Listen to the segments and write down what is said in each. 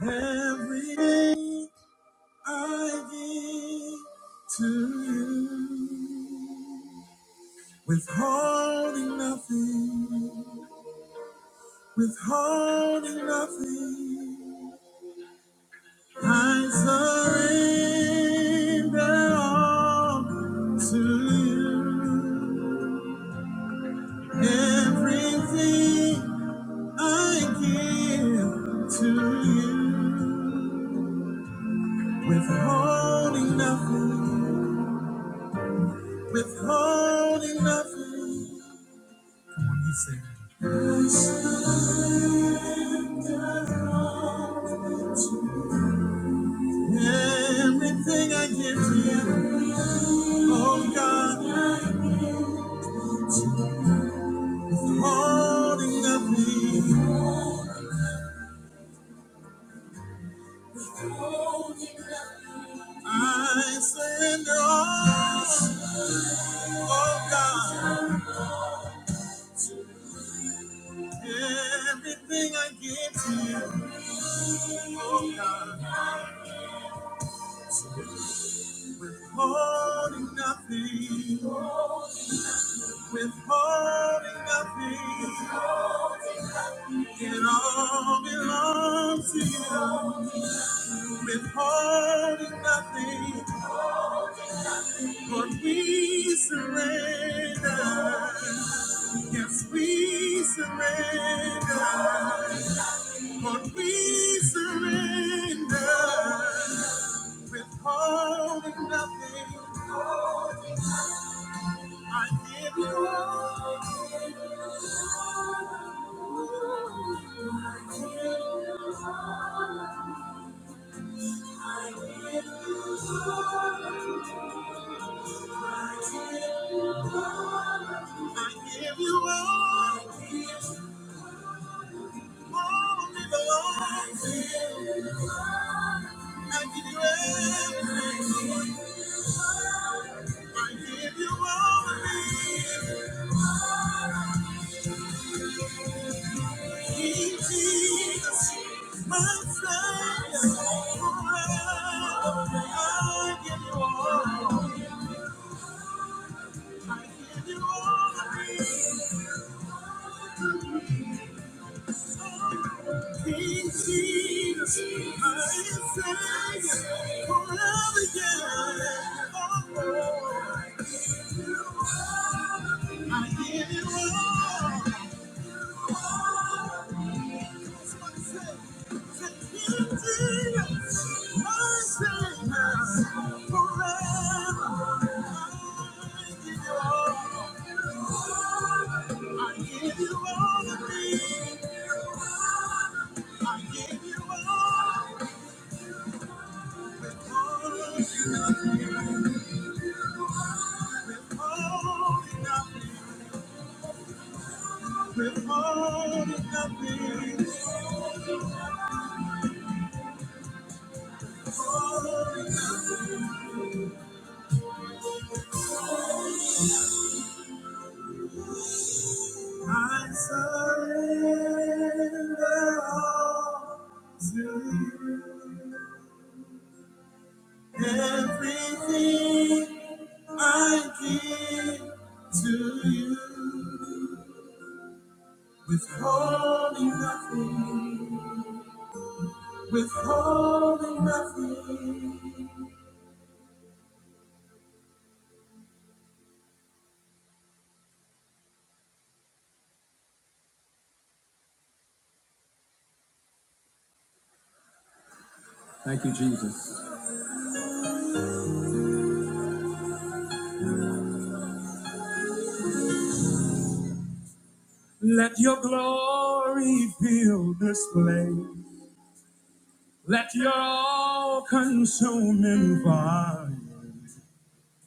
Everything I give to you, withholding nothing, withholding nothing. I surrender all to you. Everything I give to you, withholding nothing. withholding nothing. Come on, you sing. I surrender all to you. Everything I give to you, oh God, holding nothing. I surrender all, oh God. Everything I give to you, oh God, holding nothing. With holding nothing, it all belongs to you. With holding nothing, Lord, we surrender. Yes, we surrender. Lord, we surrender. With holding nothing, I give you all. I give you all. I give you all, all me belongs. I give you everything. I give you all of me. Jesus, my Savior, forever. I give you all. I give you all of me. Jesus, my Savior, forever. Yeah. Oh, I give you all. I give you all. of me. I give you all. I surrender all to you. Everything I give to you. Withholding nothing. Withholding nothing. Thank you, Jesus. Let your glory fill this place. Let your all consuming fire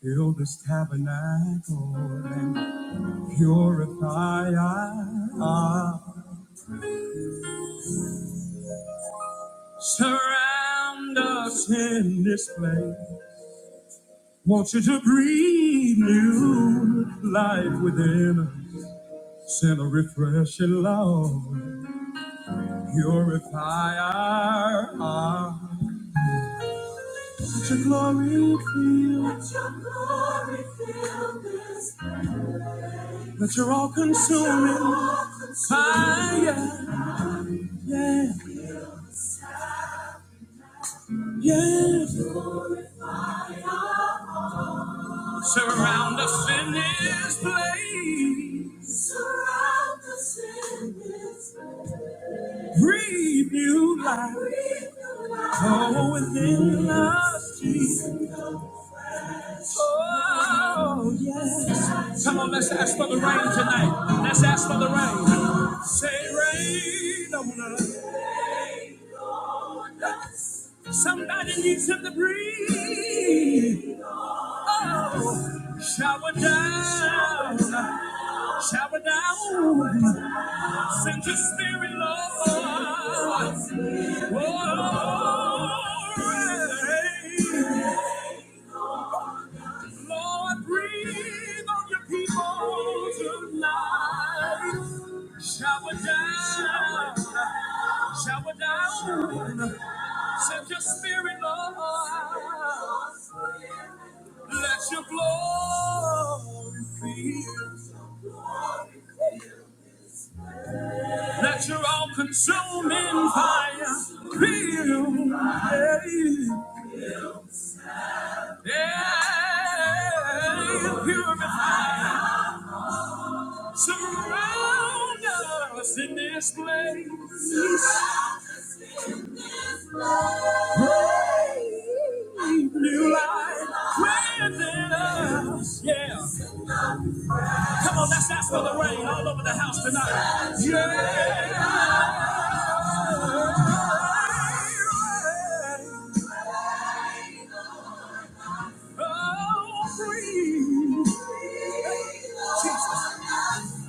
fill this tabernacle and purify us. Surround us in this place. Want you to breathe new life within us. Send a refreshing love. Purify our hearts. Let your glory fill. Let your glory fill this But you're all consuming fire. Yeah, yeah. Surround us in this place. Breathe new life. Breathe new life. Oh, within us, Jesus. Oh, yeah. Come on, let's ask for the rain tonight. Let's ask for the rain. Say rain on us. Somebody needs him to breathe. Oh, shower down, shower down. Send your spirit, Lord. Oh, Lord, breathe on your people tonight. Shower down, shower down. Send your spirit, Lord. Let your glory fill. Let your all-consuming fire fill. Yeah, yeah. Purify. Surround us in this place. New life within us. Yeah. Come on, let's ask for the rain all over the house tonight. Yeah. Jesus.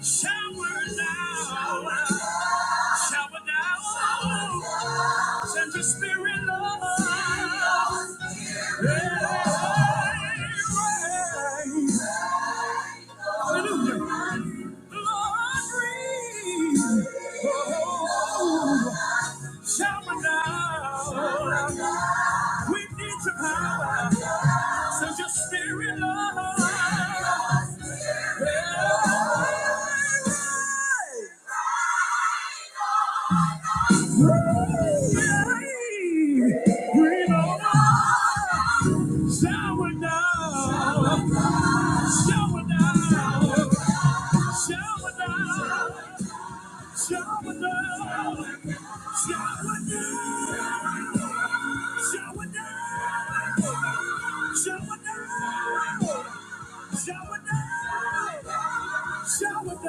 Shower down, shower down, send your spirit love. Hallelujah. Glory. Shower down, we need your power, send your spirit love. Breathe on us. Shower now. Shower now. Shower now. Shower now. Shower down, shower down, shower down, shower down. Shower down, shower down, shower down, shower down,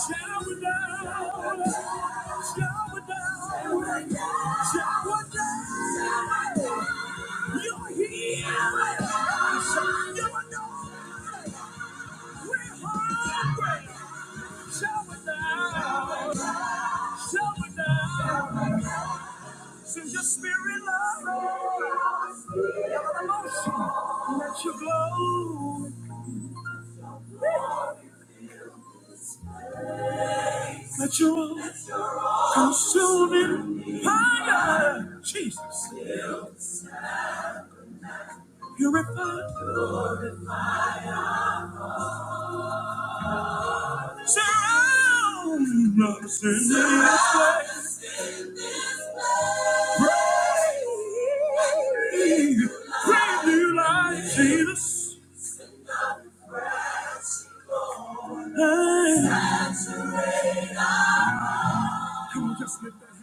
shower down, shower down. You're here, you're here. Consuming fire, Jesus, purify, surround us in this way. Praise Jesus. Just lift that-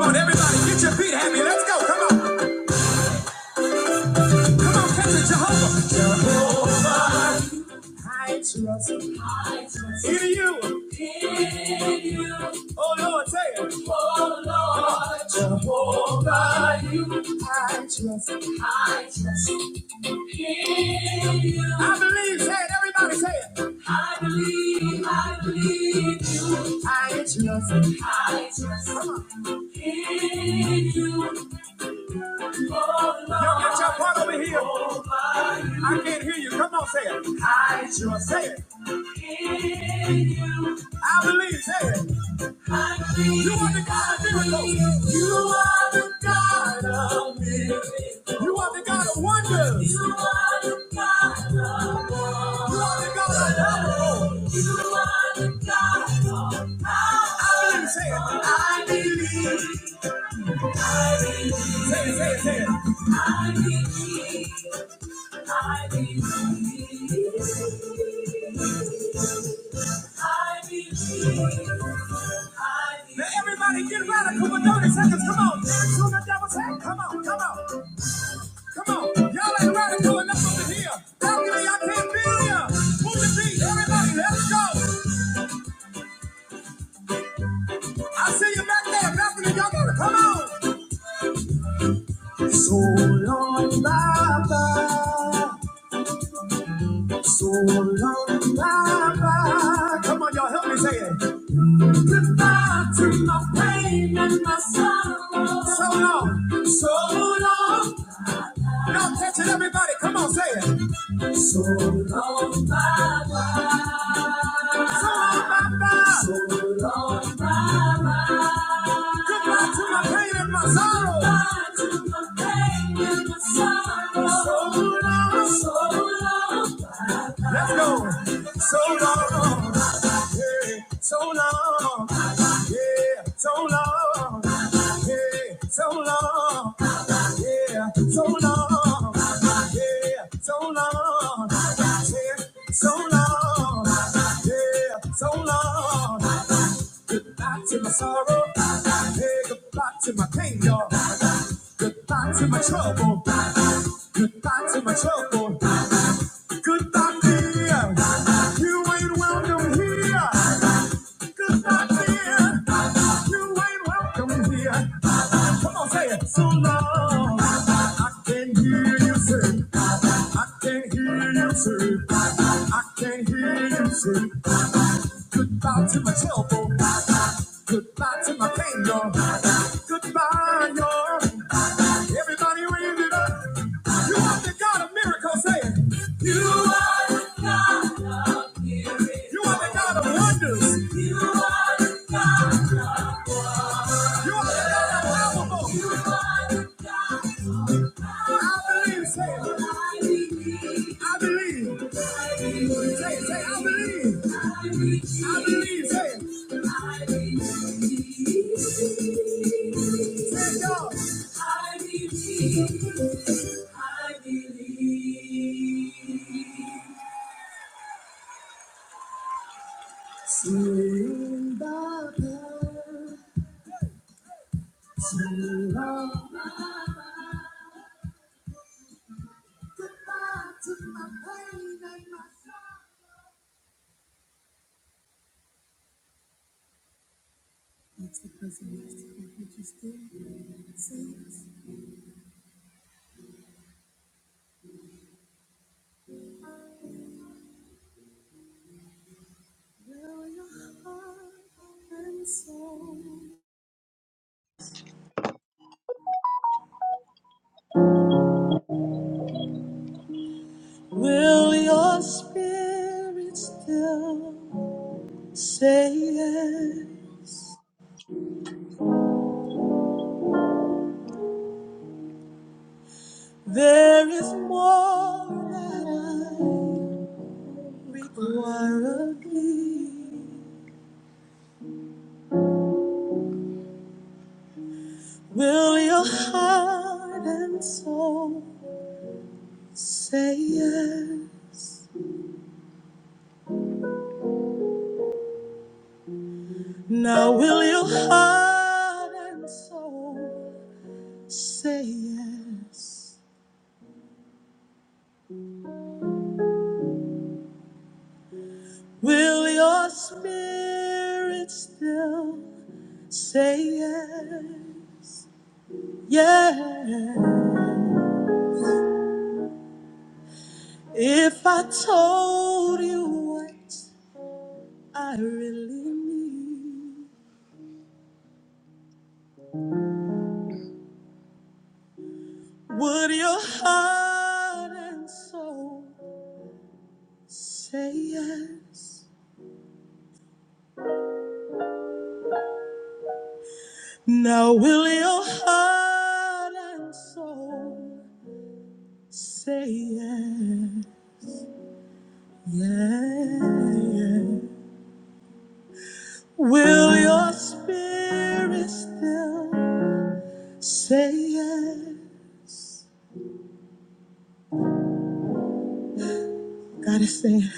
Come on, everybody, get your feet happy. Let's go. Come catch it, Jehovah. Hear you. Hear you. Oh Lord, say it. Oh Lord, Jehovah, you. I trust. I trust. Hear you. I believe. Say it. Everybody say it. I believe. I believe you. I trust. I trust. Come on. In you. Oh Lord. Y'all get your part over here. Jehovah, you. I can't hear you. Come on, say it. I trust. Say it. I believe, say it. I believe You are the God of miracles. You are the God of miracles. You are the God of wonders. You are the God of miracles. You are the God of miracles. You are the God of power. I believe, say it. I believe. I believe. Say it, say it, say it. I believe. I believe. I believe. Now everybody get radical with 30 seconds. Come on. Dance on the devil's head. Come on, come on, come on. Y'all ain't radical enough over here. Balcony, I can't be here. Move the beat. Everybody, let's go. I see you back there. Balcony, y'all gotta come on. So long, Baba. So long, Baba. Come on, y'all, help me say it. My pain and my sorrow. So long. So long. Attention, everybody, come on, say it. Oh, Baba. So long, Baba. So long, Baba. Goodbye to my pain and my sorrow. Goodbye to my pain and my sorrow. So long, so long. Let's go. So long, yeah, so long, yeah, so long, yeah, so long. Yeah, so long. Yeah, so long. Yeah, so long. Yeah, so long. Goodbye to my sorrow. Hey, goodbye to my pain, y'all. Goodbye to my trouble. Goodbye to my trouble. Goodbye, dear. You ain't welcome here. Goodbye, dear. You ain't welcome here. Come on, say it. So long. I can hear you say. I can hear you say. I can't hear you say goodbye to my telephone, goodbye to my pain, Lord, goodbye, Lord. Everybody raise it up! You are the God of miracles, saying You are the God of healing. You are the God of wonders. You are the God of power. You are the God of love. I believe. Say, it, say, I believe. I believe. Say, it. say, it, y'all. In the power of my mind, goodbye to my pain and my sorrow. That's the prison master that we Will your heart and soul, will your spirit still say yes? There is more that I require of thee. Will your heart and soul say yes? Now will your heart and soul Say yes. Will your spirit still say yes? Yeah. If I told you what I really need, would your heart and soul say yes? Now will your heart and soul say yes? Yeah. yeah. Will your spirit still say yes? God is saying,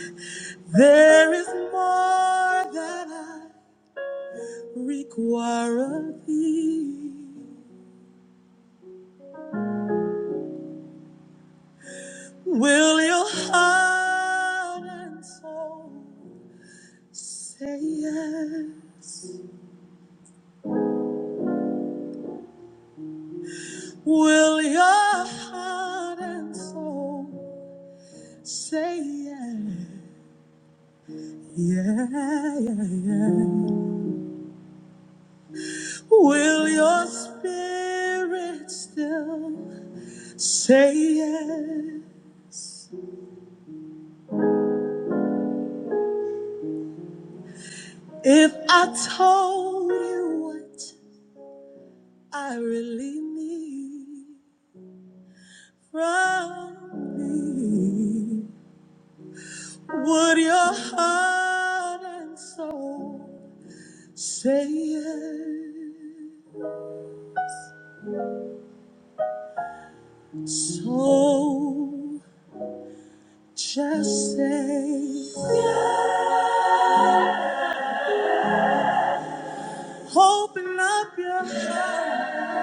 There is more that I require of thee. Will your heart and soul say yes? Will your heart and soul say yes? Yeah, yeah, yeah. Will your spirit still say yes? If I told you I told, say so. Just say, open up your heart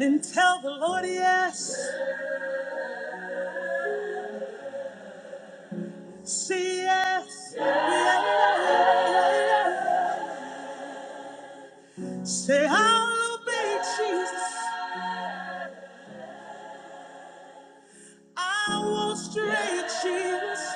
and tell the Lord yes. Say yes. yes. Say, I'll obey Jesus. I will stray, Jesus.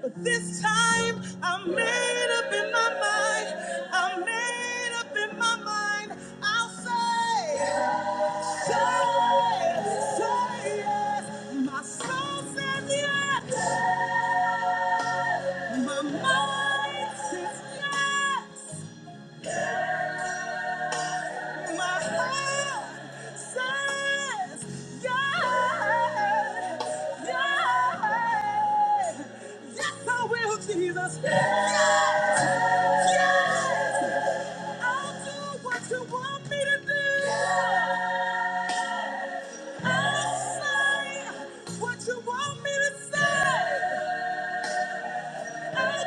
But this time I am made up in my mind. I am made up in my mind. I'll say, say, say yes. My soul says yes. My mind says yes. My heart says yes, yes. Yes, I will, Jesus. Yes, yes. I'll do what you want me to do. I'll say what you want me to say. Thank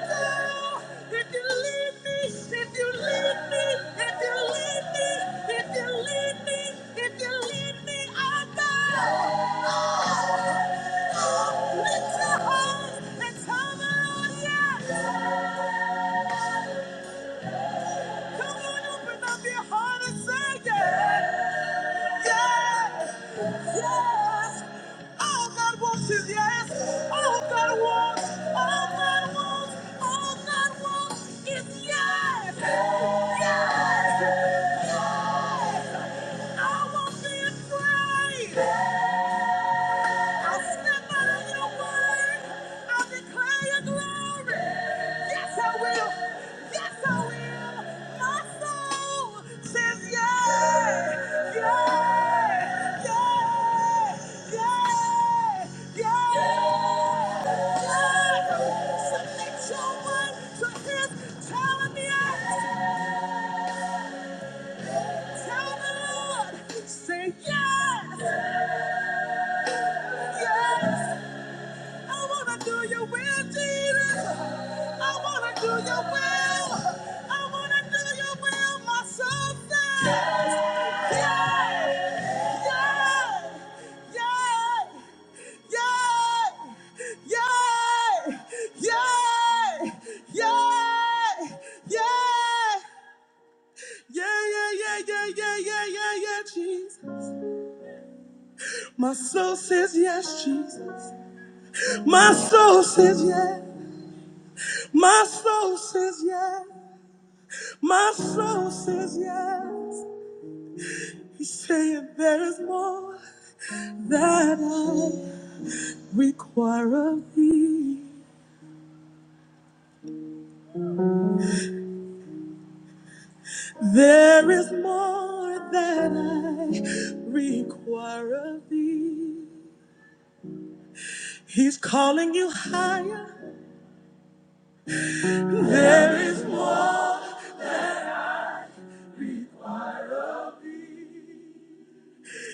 you. Come on, open up your heart and say yes. Yes. Yes. All God wants is yes. All God wants, all God wants, all God wants is yes. Yes. Yes. I won't be afraid. I'll stand by your word. I'll declare your glory. Yes, I will. Yes, I will. My soul says yes. Yes. Yes. Yes. Yes. Yes. Submit your will to his. Tell him yes. Tell the Lord. Say yes. Yes. I wanna do your will, Jesus. I wanna do your will. I wanna do your will, my soul says. Yeah, yeah, yeah, yeah, yeah, yeah, yeah, yeah, yeah, yeah, yeah, yeah, yeah, Jesus. My soul my soul says yes, and there is more that I. require of thee. There is more that I require of thee. He's calling you higher. There is more.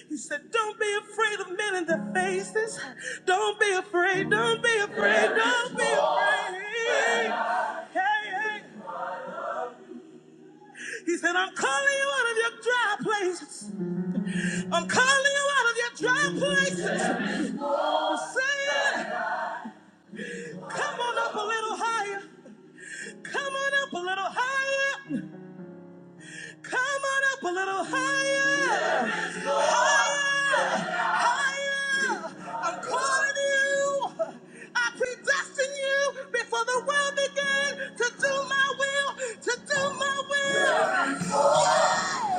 He said, Don't be afraid of men in their faces. Don't be afraid. Don't be afraid. Don't be afraid. Hey, hey. He said, I'm calling you out of your dry places. I'm calling you out of your dry places. I'm saying, Come on up a little higher. Come on up a little higher. Come on up a little higher. Higher. Higher. I'm calling you. I predestined you before the world began to do my will, to do my will. Yeah.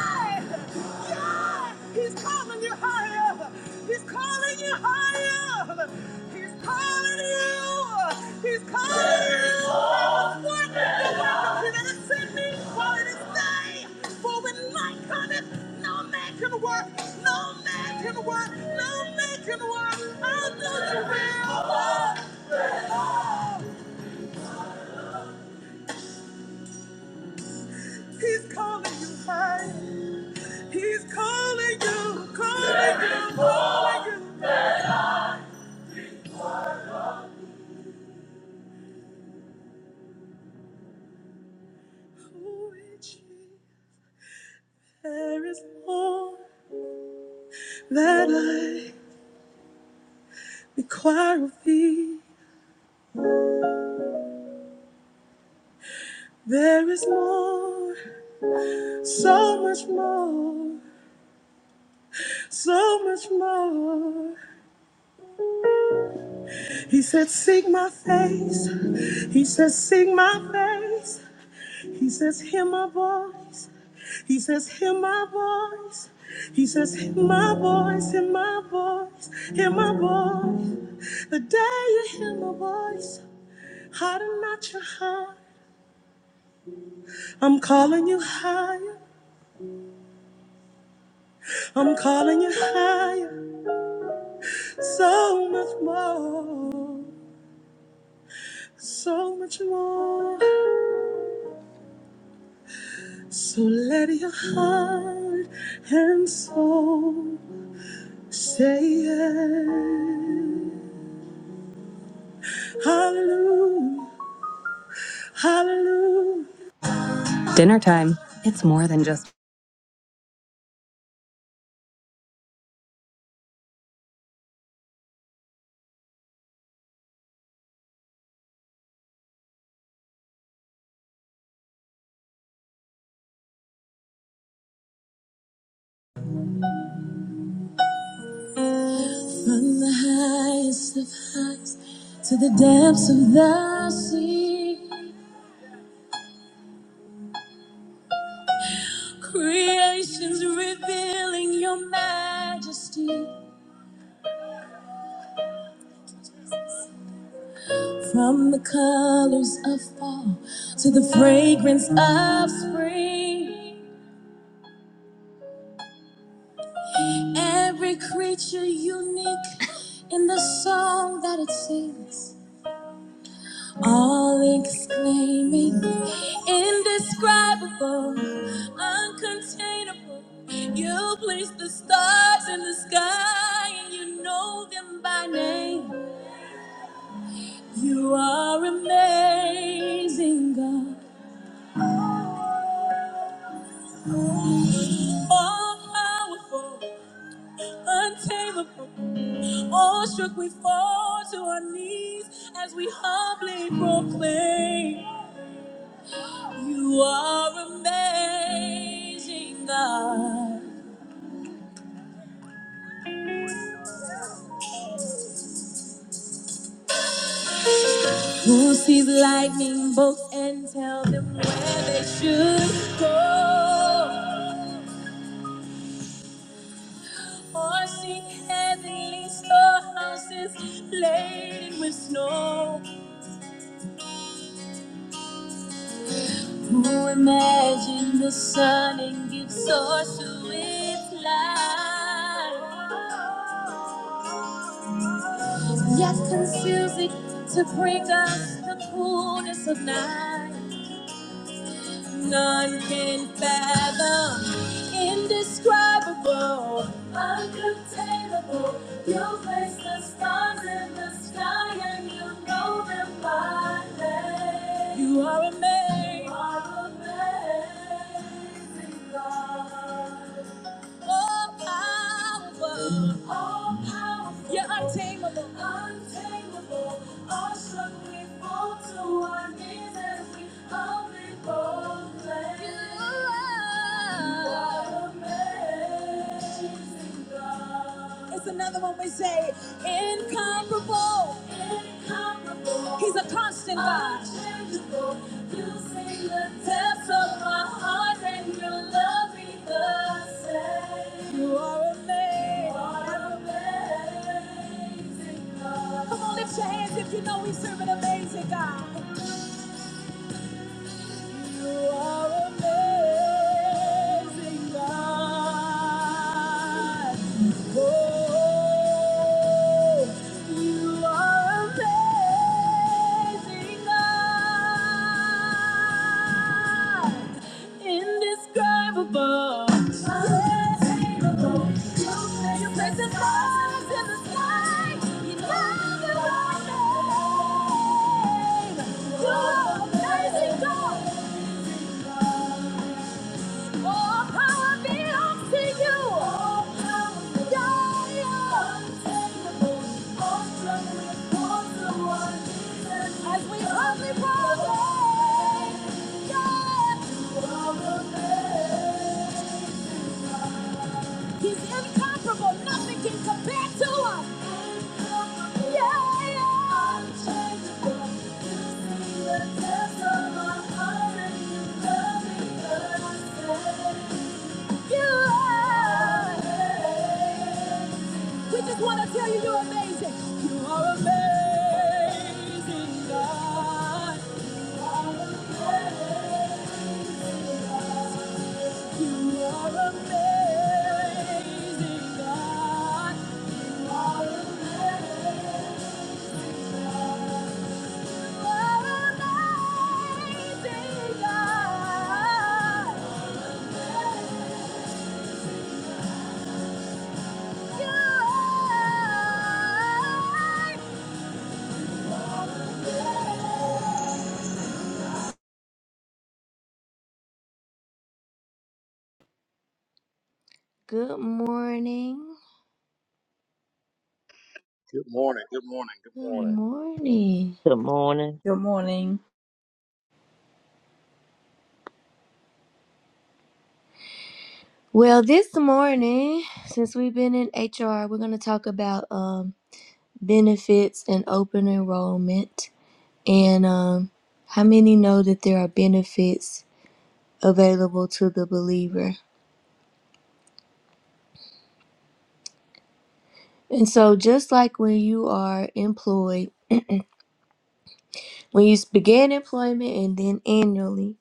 Yeah! He's calling you higher! He's calling you higher! He's calling you! He's calling you! I was worth the work of him that sent me while it is day! For when night cometh, no man can work! No man can work! No man can work! I'll do the will! He's calling you higher! He's calling you! Calling you! Calling you! Ooh, Jesus. There is more that I require of thee. There is more, so much more. So I'm calling you higher, so much more, so much more. So let your heart and soul say yes. Dinner time. It's more than just creations revealing your majesty. From the colors of fall to the fragrance of spring, every creature unique in the song that it sings, all exclaiming, indescribable, uncontainable. You place the stars in the sky and you know them by name. You are amazing, God all powerful, untamable. Awestruck, we fall to our knees as we humbly proclaim, You are amazing, God. Who sees lightning bolts and tell them where they should go? Or seek heavenly storehouses laden with snow? Who imagined the sun and gives source to its light? yet confusing to bring us the coolness of night. None can fathom, indescribable. Only boldness. You are amazing. It's another one we say, incomparable. He's a constant God. Come on, lift your hands and serve an amazing God. You are amazing, God. Oh, you are amazing, God. Indescribable. Untamable. You place the stars in the sky. You know your own name. You are amazing, God. All power belongs to you. All power is available. All strength is for the one. As we humbly prostrate, yes. He's incomparable. Nothing can compare to us. Yeah, yeah. You are. We just want to tell you you're amazing. You are amazing, God. You are amazing. God. You are amazing, God. You are amazing, God. You are. Good morning. Good morning. Good morning. Good Good morning. morning. Good morning. Good morning. Well, this morning, since we've been in HR, we're going to talk about um, benefits and open enrollment and um, how many know that there are benefits available to the believer. And so, just like when you are employed, when you s- begin employment and then annually,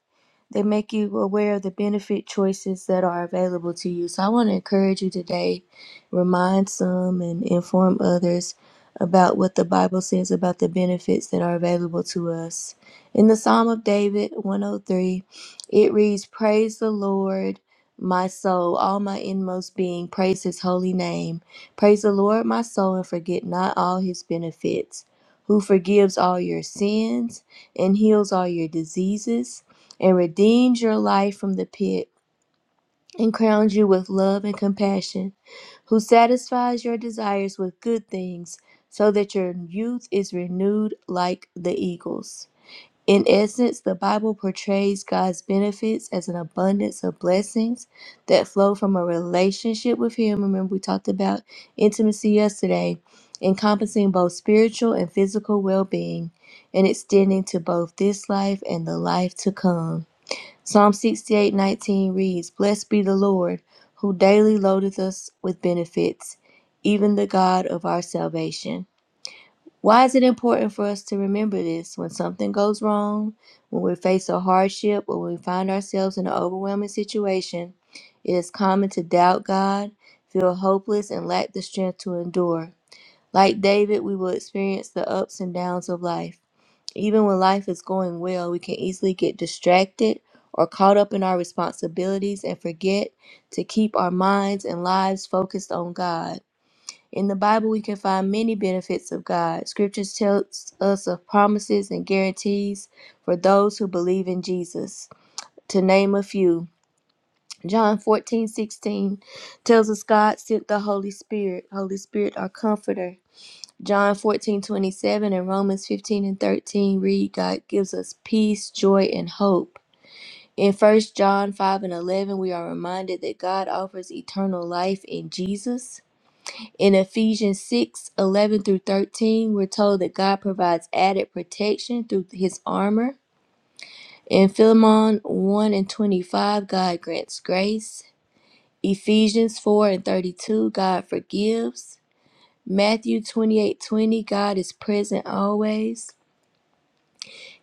They make you aware of the benefit choices that are available to you. So I want to encourage you today, remind some and inform others about what the Bible says about the benefits that are available to us. In the Psalm of David 103, it reads, Praise the Lord, my soul, all my inmost being, praise his holy name. Praise the Lord, my soul, and forget not all his benefits, who forgives all your sins and heals all your diseases and redeemed your life from the pit and crowned you with love and compassion, who satisfies your desires with good things so that your youth is renewed like the eagles. In essence, the Bible portrays God's benefits as an abundance of blessings that flow from a relationship with Him. Remember, we talked about intimacy yesterday, encompassing both spiritual and physical well being and extending to both this life and the life to come. Psalm 68:19 reads, Blessed be the Lord, who daily loadeth us with benefits, even the God of our salvation. Why is it important for us to remember this when something goes wrong, when we face a hardship, or when we find ourselves in an overwhelming situation? It is common to doubt God, feel hopeless, and lack the strength to endure. Like David, we will experience the ups and downs of life. Even when life is going well, we can easily get distracted or caught up in our responsibilities and forget to keep our minds and lives focused on God. In the Bible, we can find many benefits of God. Scriptures tells us of promises and guarantees for those who believe in Jesus. To name a few, John 14 16 tells us God sent the Holy Spirit, Holy Spirit, our comforter, John 14 27 and Romans 15 and 13 read, God gives us peace, joy, and hope. In First John 5 and 11, we are reminded that God offers eternal life in Jesus. In Ephesians 6 11 through 13, we're told that God provides added protection through his armor. In Philemon 1 and 25, God grants grace. Ephesians 4 and 32, God forgives. Matthew 28 20, God is present always.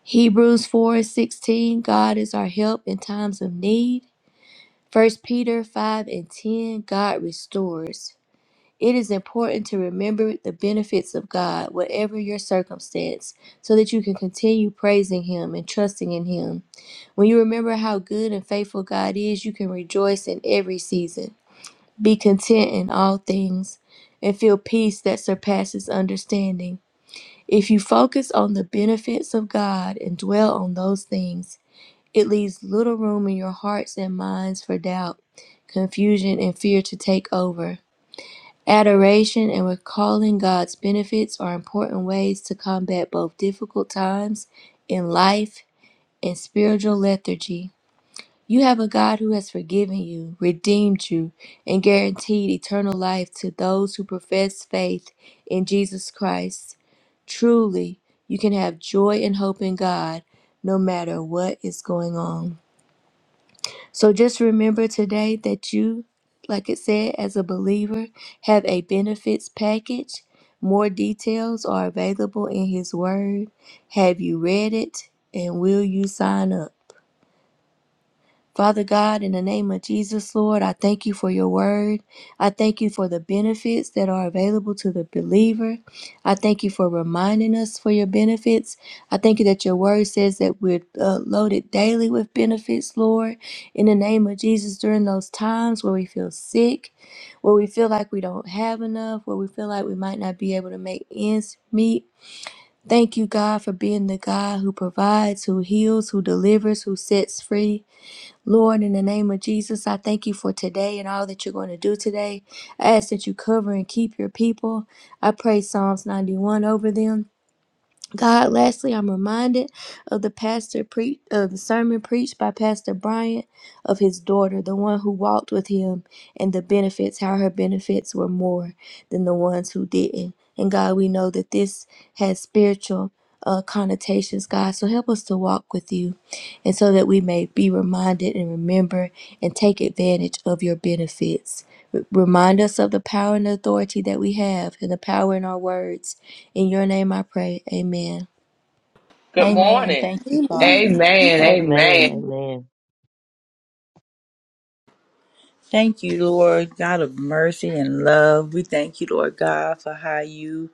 Hebrews 4 16, God is our help in times of need. First Peter 5 and 10, God restores. It is important to remember the benefits of God, whatever your circumstance, so that you can continue praising Him and trusting in Him. When you remember how good and faithful God is, you can rejoice in every season, be content in all things, and feel peace that surpasses understanding. If you focus on the benefits of God and dwell on those things, it leaves little room in your hearts and minds for doubt, confusion, and fear to take over. Adoration and recalling God's benefits are important ways to combat both difficult times in life and spiritual lethargy. You have a God who has forgiven you, redeemed you, and guaranteed eternal life to those who profess faith in Jesus Christ. Truly, you can have joy and hope in God no matter what is going on. So just remember today that you, like it said, as a believer, have a benefits package. More details are available in His Word. Have you read it? And will you sign up? Father God, in the name of Jesus, Lord, I thank you for your word. I thank you for the benefits that are available to the believer. I thank you for reminding us for your benefits. I thank you that your word says that we're uh, loaded daily with benefits, Lord. In the name of Jesus, during those times where we feel sick, where we feel like we don't have enough, where we feel like we might not be able to make ends meet. Thank you, God, for being the God who provides, who heals, who delivers, who sets free. Lord, in the name of Jesus, I thank you for today and all that you're going to do today. I ask that you cover and keep your people. I pray Psalms 91 over them. God, lastly, I'm reminded of the pastor pre- of the sermon preached by Pastor Bryant of his daughter, the one who walked with him, and the benefits, how her benefits were more than the ones who didn't. And God, we know that this has spiritual uh, connotations, God. So help us to walk with you, and so that we may be reminded and remember and take advantage of your benefits. R- Remind us of the power and authority that we have, and the power in our words. In your name, I pray. Amen. Good Amen. Amen. morning. Thank you, Amen. Father. Amen. Amen. Amen. Amen. Thank you, Lord, God of mercy and love. We thank you, Lord God, for how you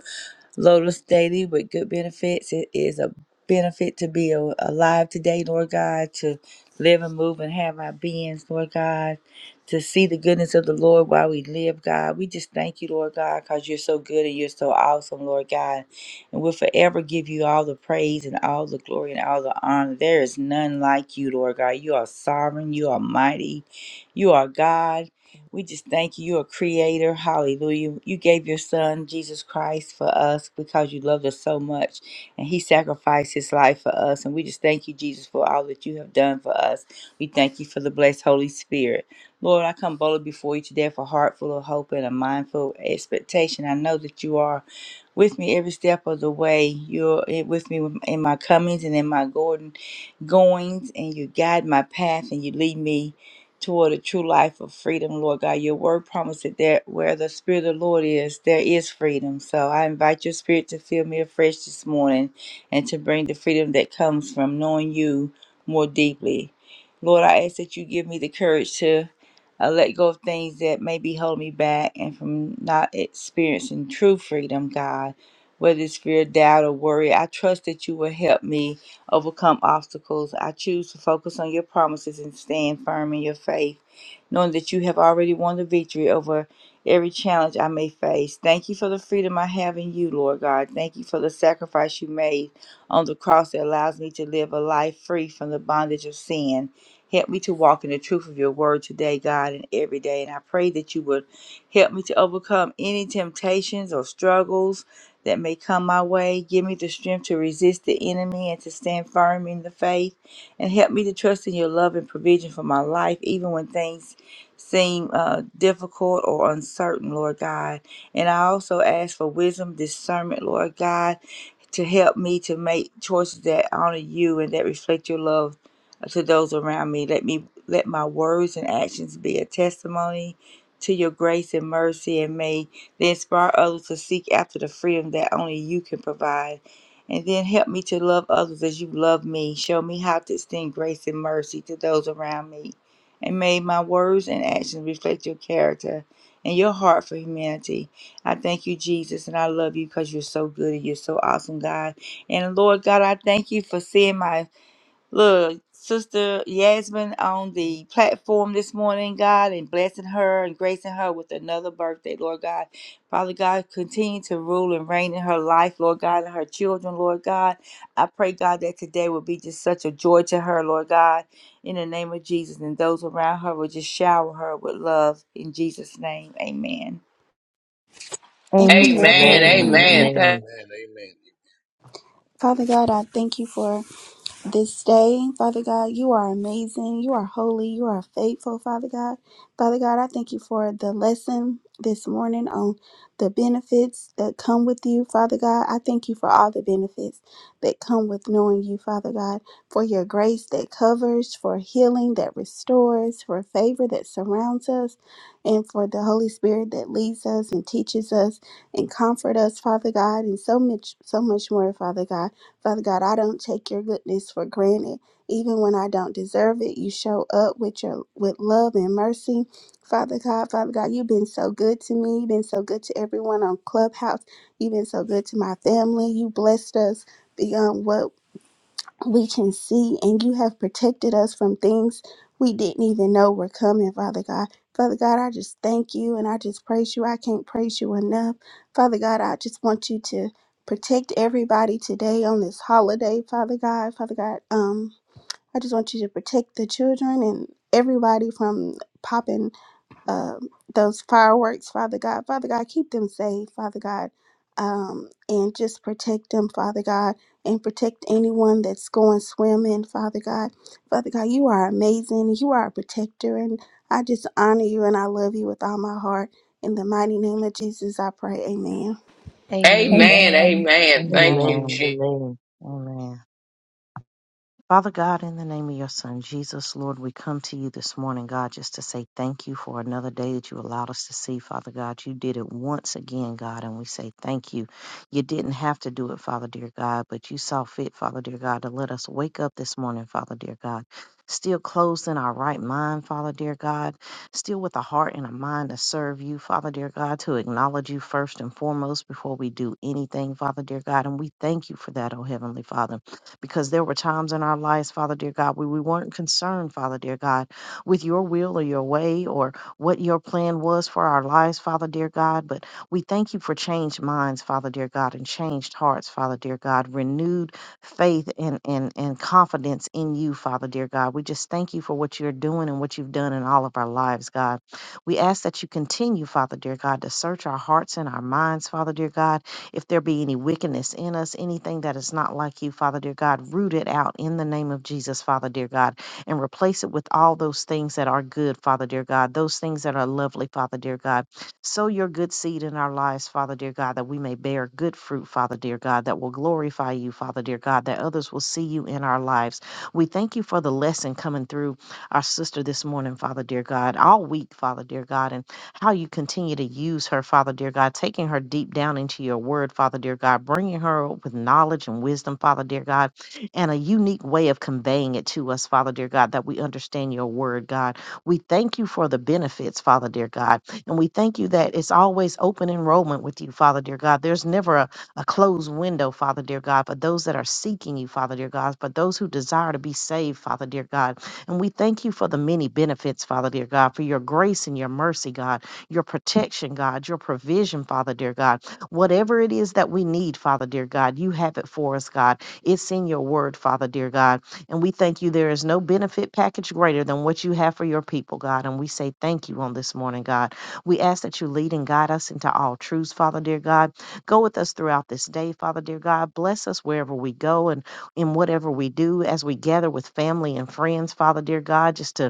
Lotus Daily with good benefits. It is a benefit to be a- alive today, Lord God, to live and move and have our beings, Lord God, to see the goodness of the Lord while we live, God. We just thank you, Lord God, because you're so good and you're so awesome, Lord God. And we'll forever give you all the praise and all the glory and all the honor. There is none like you, Lord God. You are sovereign, you are mighty, you are God. We just thank you. You're a creator. Hallelujah. You gave your son, Jesus Christ, for us because you loved us so much. And he sacrificed his life for us. And we just thank you, Jesus, for all that you have done for us. We thank you for the blessed Holy Spirit. Lord, I come boldly before you today for a heart full of hope and a mindful expectation. I know that you are with me every step of the way. You're with me in my comings and in my going goings and you guide my path and you lead me toward a true life of freedom, Lord God. Your word promises that where the Spirit of the Lord is, there is freedom. So I invite your Spirit to fill me afresh this morning and to bring the freedom that comes from knowing you more deeply. Lord, I ask that you give me the courage to uh, let go of things that maybe hold me back and from not experiencing true freedom, God. Whether it's fear, doubt, or worry, I trust that you will help me overcome obstacles. I choose to focus on your promises and stand firm in your faith, knowing that you have already won the victory over every challenge I may face. Thank you for the freedom I have in you, Lord God. Thank you for the sacrifice you made on the cross that allows me to live a life free from the bondage of sin. Help me to walk in the truth of your word today, God, and every day. And I pray that you would help me to overcome any temptations or struggles that may come my way. Give me the strength to resist the enemy and to stand firm in the faith. And help me to trust in your love and provision for my life, even when things seem uh, difficult or uncertain, Lord God. And I also ask for wisdom, discernment, Lord God to help me to make choices that honor you and that reflect your love to those around me. Let me let my words and actions be a testimony to your grace and mercy and may they inspire others to seek after the freedom that only you can provide. And then help me to love others as you love me. Show me how to extend grace and mercy to those around me. And may my words and actions reflect your character and your heart for humanity. I thank you, Jesus, and I love you because you're so good and you're so awesome, God. And Lord God, I thank you for seeing my little sister Yasmin on the platform this morning, God, and blessing her and gracing her with another birthday, Lord God. Father God, continue to rule and reign in her life, Lord God, and her children, Lord God. I pray, God, that today will be just such a joy to her, Lord God, in the name of Jesus. And those around her will just shower her with love in Jesus' name. Amen. Amen. Amen. Amen. Amen. Amen. Amen. Th- Amen. Amen. Amen. Father God, I thank you for this day, Father God. You are amazing. You are holy. You are faithful, Father God. Father God, I thank you for the lesson this morning on the benefits that come with you, Father God. I thank you for all the benefits that come with knowing you, Father God, for your grace that covers, for healing that restores, for favor that surrounds us, and for the Holy Spirit that leads us and teaches us and comfort us, Father God, and so much so much more, Father God. Father God, I don't take your goodness for granted. Even when I don't deserve it, you show up with your with love and mercy. Father God, Father God, you've been so good to me. You've been so good to everyone on Clubhouse. You've been so good to my family. You blessed us beyond what we can see, and you have protected us from things we didn't even know were coming, Father God. Father God, I just thank you and I just praise you. I can't praise you enough. Father God, I just want you to protect everybody today on this holiday, Father God. Father God, um, I just want you to protect the children and everybody from popping um, those fireworks, Father God. Father God, keep them safe, Father God, um, and just protect them, Father God, and protect anyone that's going swimming, Father God. Father God, you are amazing. You are a protector, and I just honor you and I love you with all my heart. In the mighty name of Jesus, I pray. Amen. Amen. Amen. Amen. Amen. Thank Amen. you, Amen. Jesus. Amen. Amen. Father God, in the name of your Son, Jesus, Lord, we come to you this morning, God, just to say thank you for another day that you allowed us to see, Father God. You did it once again, God, and we say thank you. You didn't have to do it, Father, dear God, but you saw fit, Father, dear God, to let us wake up this morning, Father, dear God. Still closed in our right mind, Father, dear God. Still with a heart and a mind to serve you, Father, dear God, to acknowledge you first and foremost before we do anything, Father, dear God. And we thank you for that, oh Heavenly Father because there were times in our lives, Father dear God, where we weren't concerned, Father dear God, with your will or your way or what your plan was for our lives, Father dear God. But we thank you for changed minds, Father dear God, and changed hearts, Father dear God, renewed faith and, and, and confidence in you, Father dear God. We just thank you for what you're doing and what you've done in all of our lives, God. We ask that you continue, Father dear God, to search our hearts and our minds, Father dear God if there be any wickedness in us, anything that is not like you, Father dear God, root it out in the name of Jesus, Father dear God, and replace it with all those things that are good, Father dear God, those things that are lovely, Father dear God. Sow your good seed in our lives, Father dear God, that we may bear good fruit, Father dear God, that will glorify you, Father dear God, that others will see you in our lives. We thank you for the lesson coming through our sister this morning, Father dear God, all week, Father dear God. and how you continue to use her, Father dear God, taking her deep down into your word, Father dear God, bringing her with knowledge and wisdom, Father dear God, and a unique way of conveying it to us, Father dear God, that we understand your word, God. We thank you for the benefits, Father dear God, and we thank you that it's always open enrollment with you, Father dear God. There's never a, a closed window, Father dear God, for those that are seeking you, Father dear God, but those who desire to be saved, Father dear God. And we thank you for the many benefits, Father dear God, for your grace and your mercy, God your protection, God, your provision, Father, dear God. Whatever it is that we need, Father, dear God, you have it for us, God. It's in your word, Father, dear God. And we thank you there is no benefit package greater than what you have for your people, God. And we say thank you on this morning, God. We ask that you lead and guide us into all truths, Father, dear God. Go with us throughout this day, Father, dear God. Bless us wherever we go and in whatever we do as we gather with family and friends, Father, dear God, just to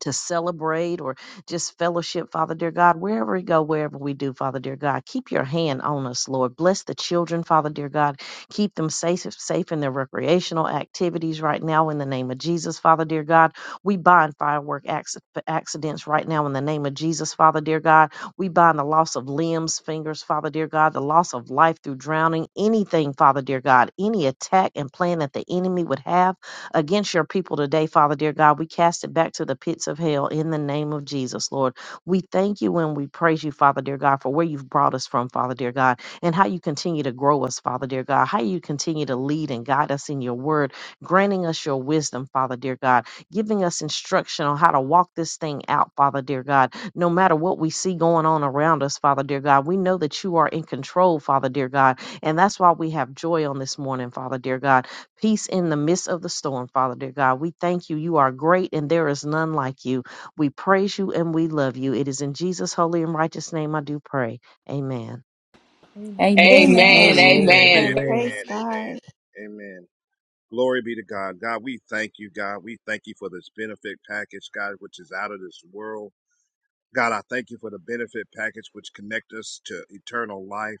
to celebrate or just fellowship, Father dear God, wherever we go, wherever we do, Father dear God, keep your hand on us, Lord. Bless the children, Father dear God. Keep them safe, safe in their recreational activities right now in the name of Jesus, Father dear God. We bind firework acci- accidents right now in the name of Jesus, Father dear God. We bind the loss of limbs, fingers, Father dear God, the loss of life through drowning, anything, Father dear God, any attack and plan that the enemy would have against your people today, Father, dear God. We cast it back to the pits of hell in the name of Jesus, Lord. We thank you and we praise you, Father, dear God, for where you've brought us from, Father, dear God, and how you continue to grow us, Father, dear God, how you continue to lead and guide us in your word, granting us your wisdom, Father, dear God, giving us instruction on how to walk this thing out, Father, dear God. No matter what we see going on around us, Father, dear God, we know that you are in control, Father, dear God, and that's why we have joy on this morning, Father, dear God Peace in the midst of the storm, Father dear God. We thank you. You are great and there is none like you. We praise you and we love you. It is in Jesus' holy and righteous name I do pray. Amen. Amen. Amen. Amen. Amen. Amen. Amen. Amen. Amen. Amen. Amen. Praise Amen. God. Amen. Glory be to God. God, we thank you, God. We thank you for this benefit package, God, which is out of this world. God, I thank you for the benefit package which connects us to eternal life.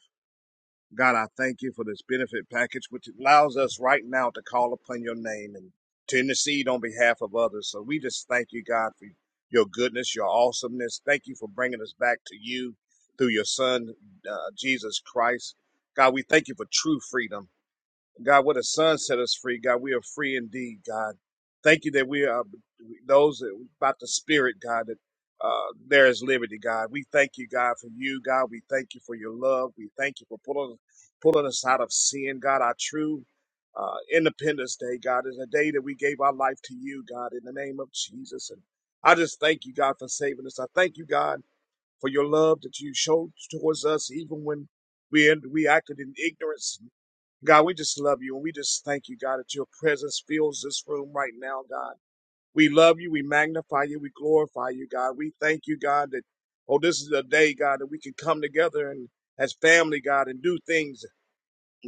God, I thank you for this benefit package, which allows us right now to call upon your name and to intercede on behalf of others. So we just thank you, God, for your goodness, your awesomeness. Thank you for bringing us back to you through your son, uh, Jesus Christ. God, we thank you for true freedom. God, what the Son set us free. God, we are free indeed, God. Thank you that we are those that about the Spirit, God, that uh, there is liberty, God. We thank you, God, for you, God. We thank you for your love. We thank you for pulling, pulling us out of sin, God. Our true uh, Independence Day, God, is a day that we gave our life to you, God, in the name of Jesus. And I just thank you, God, for saving us. I thank you, God, for your love that you showed towards us, even when we, we acted in ignorance God, we just love you and we just thank you, God, that your presence fills this room right now, God. We love you, we magnify you, we glorify you, God. We thank you, God, that, oh, this is a day, God, that we can come together and as family, God, and do things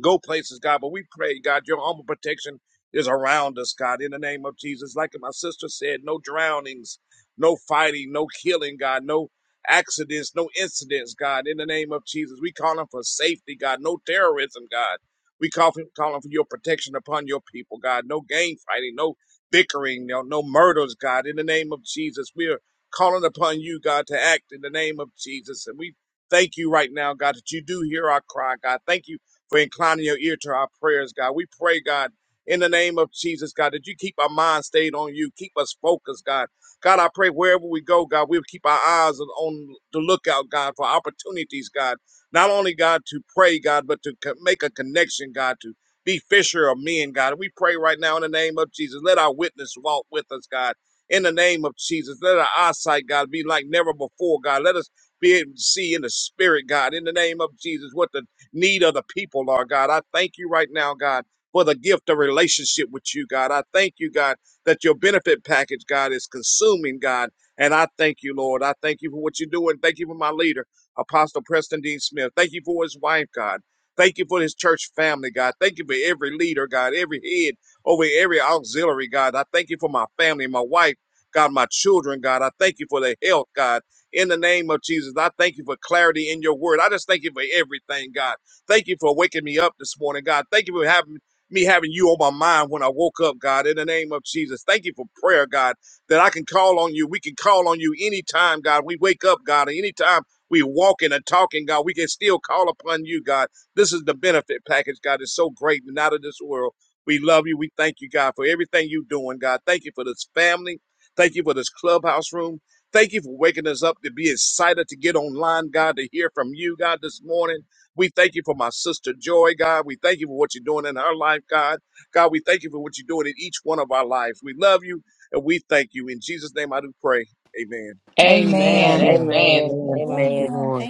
go places, God. But we pray, God, your armor protection is around us, God, in the name of Jesus. Like my sister said, no drownings, no fighting, no killing, God, no accidents, no incidents, God, in the name of Jesus. We calling for safety, God, no terrorism, God. We call for, calling for your protection upon your people, God. No gang fighting, no bickering, no, no murders, God, in the name of Jesus. We are calling upon you, God, to act in the name of Jesus. And we thank you right now, God, that you do hear our cry, God. Thank you for inclining your ear to our prayers, God. We pray, God, in the name of Jesus, God, that you keep our mind stayed on you. Keep us focused, God. God, I pray wherever we go, God, we'll keep our eyes on on the lookout, God, for opportunities, God. Not only, God, to pray, God, but to co- make a connection, God, to be fisher of men, God. We pray right now in the name of Jesus. Let our witness walk with us, God. In the name of Jesus, let our eyesight, God, be like never before, God. Let us be able to see in the spirit, God, in the name of Jesus, what the need of the people, Lord God. I thank you right now, God, for the gift of relationship with you, God. I thank you, God, that your benefit package, God, is consuming, God. And I thank you, Lord. I thank you for what you're doing. Thank you for my leader, Apostle Preston Dean Smith. Thank you for his wife, God. Thank you for his church family, God. Thank you for every leader, God, every head over every auxiliary, God. I thank you for my family, my wife, God, my children, God. I thank you for their health, God. In the name of Jesus, I thank you for clarity in your word. I just thank you for everything, God. Thank you for waking me up this morning, God. Thank you for having me having you on my mind when I woke up, God, in the name of Jesus. Thank you for prayer, God, that I can call on you. We can call on you anytime, God. We wake up, God, and anytime we walking and talking, God, we can still call upon you, God. This is the benefit package, God. It's so great and out of this world. We love you. We thank you, God, for everything you're doing, God. Thank you for this family. Thank you for this clubhouse room. Thank you for waking us up to be excited to get online, God, to hear from you, God, this morning. We thank you for my sister Joy, God. We thank you for what you're doing in her life, God. God, we thank you for what you're doing in each one of our lives. We love you and we thank you. In Jesus' name I do pray. Amen. Amen. Amen. Amen. Amen. Amen. Thank you, Amen. Lord.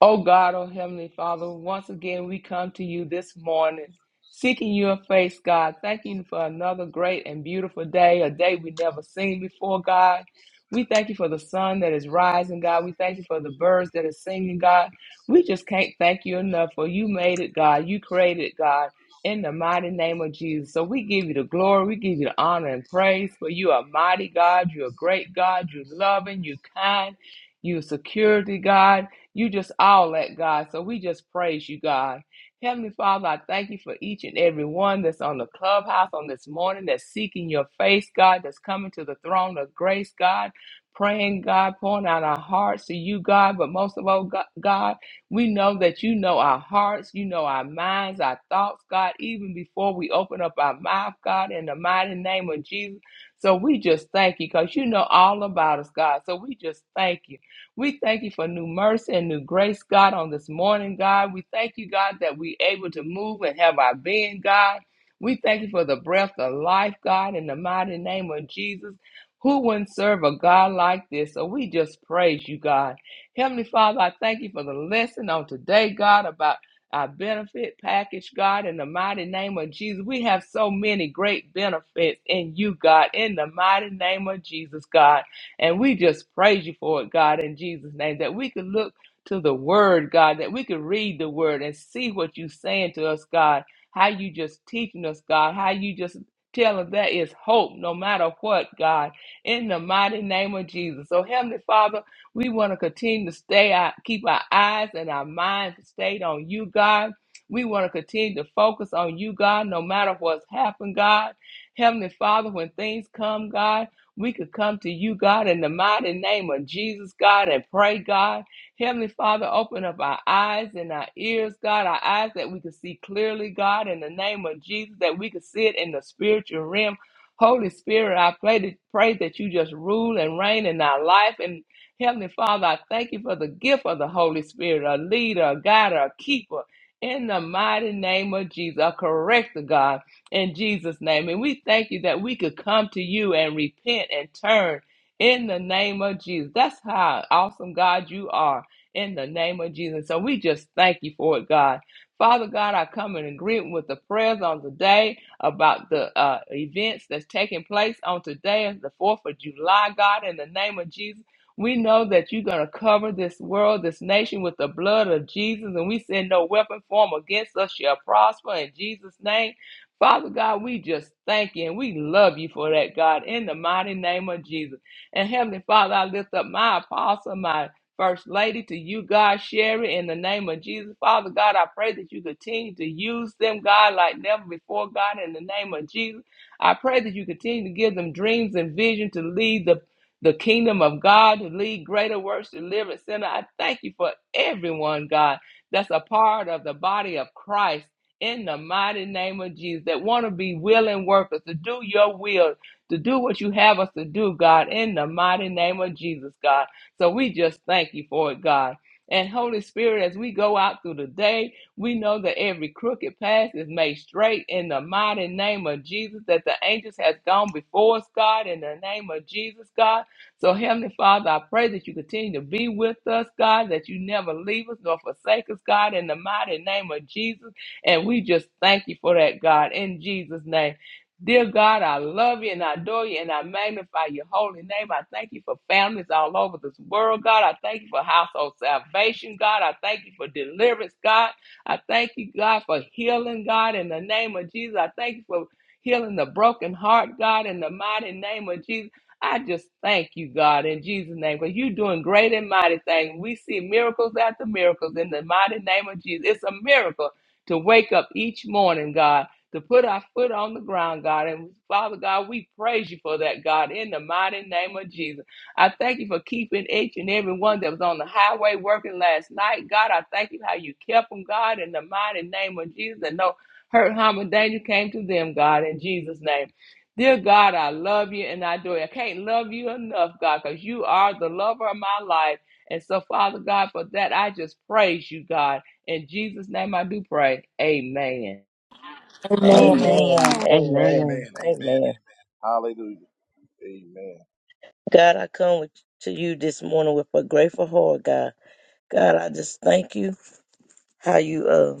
O God, O Heavenly Father, once again we come to you this morning, seeking your face, God. Thank you for another great and beautiful day, a day we never seen before, God. We thank you for the sun that is rising, God. We thank you for the birds that are singing, God. We just can't thank you enough for you made it, God. You created it, God, in the mighty name of Jesus. So we give you the glory, we give you the honor and praise, for you are mighty, God. You're a great God. You're loving, you're kind, you're security, God. You just all that, God. So we just praise you, God. Heavenly Father, I thank you for each and every one that's on the clubhouse on this morning, that's seeking your face, God, that's coming to the throne of grace, God, praying, God, pouring out our hearts to you, God. But most of all, Go- God, we know that you know our hearts, you know our minds, our thoughts, God, even before we open up our mouth, God, in the mighty name of Jesus. So we just thank you because you know all about us, God. So we just thank you. We thank you for new mercy and new grace, God, on this morning, God. We thank you, God, that we're able to move and have our being, God. We thank you for the breath of life, God, in the mighty name of Jesus. Who wouldn't serve a God like this? So we just praise you, God. Heavenly Father, I thank you for the lesson on today, God, about our benefit package, God, in the mighty name of Jesus. We have so many great benefits in you, God, in the mighty name of Jesus, God. And we just praise you for it, God, in Jesus' name, that we could look to the word, God, that we could read the word and see what you're saying to us, God, how you just teaching us, God, how you just telling us there is hope no matter what, God, in the mighty name of Jesus. So, Heavenly Father, we want to continue to stay, our, keep our eyes and our minds stayed on you, God. We want to continue to focus on you, God, no matter what's happened, God. Heavenly Father, when things come, God, we could come to you, God, in the mighty name of Jesus, God, and pray, God. Heavenly Father, open up our eyes and our ears, God, our eyes that we could see clearly, God, in the name of Jesus, that we could see it in the spiritual realm. Holy Spirit, I pray that, pray that you just rule and reign in our life. And Heavenly Father, I thank you for the gift of the Holy Spirit, a leader, a guide, a keeper. In the mighty name of Jesus, a corrector, God in Jesus' name. And we thank you that we could come to you and repent and turn in the name of Jesus. That's how awesome God you are in the name of Jesus. So we just thank you for it, God. Father God, I come in agreement with the prayers on today about the uh, events that's taking place on today, as the 4th of July, God, in the name of Jesus. We know that you're going to cover this world, this nation with the blood of Jesus, and we send no weapon form against us shall prosper in Jesus' name. Father God, we just thank you and we love you for that, God, in the mighty name of Jesus. And Heavenly Father, I lift up my apostle, my First Lady, to you, God, Sherry, in the name of Jesus. Father God, I pray that you continue to use them, God, like never before, God, in the name of Jesus. I pray that you continue to give them dreams and vision to lead the the kingdom of God, to lead greater works, deliverance center. I thank you for everyone, God, that's a part of the body of Christ in the mighty name of Jesus that want to be willing workers to do your will, to do what you have us to do, God, in the mighty name of Jesus, God. So we just thank you for it, God. And Holy Spirit, as we go out through the day, we know that every crooked path is made straight in the mighty name of Jesus, that the angels has gone before us, God, in the name of Jesus, God. So, Heavenly Father, I pray that you continue to be with us, God, that you never leave us nor forsake us, God, in the mighty name of Jesus. And we just thank you for that, God, in Jesus' name. Dear God, I love you and I adore you and I magnify your holy name. I thank you for families all over this world, God. I thank you for household salvation, God. I thank you for deliverance, God. I thank you, God, for healing, God, in the name of Jesus. I thank you for healing the broken heart, God, in the mighty name of Jesus. I just thank you, God, in Jesus' name, because you're doing great and mighty things. We see miracles after miracles in the mighty name of Jesus. It's a miracle to wake up each morning, God, to put our foot on the ground, God. And Father God, we praise you for that, God, in the mighty name of Jesus. I thank you for keeping each and every one that was on the highway working last night. God, I thank you how you kept them, God, in the mighty name of Jesus. And no hurt, harm, and danger came to them, God, in Jesus' name. Dear God, I love you and I do. I can't love you enough, God, because you are the lover of my life. And so, Father God, for that, I just praise you, God. In Jesus' name I do pray. Amen. Amen. Amen. Amen. Amen. Amen. Amen. Amen. Amen. Amen. Amen. Hallelujah. Amen. God, I come with, to you this morning with a grateful heart, God. God, I just thank you how you uh,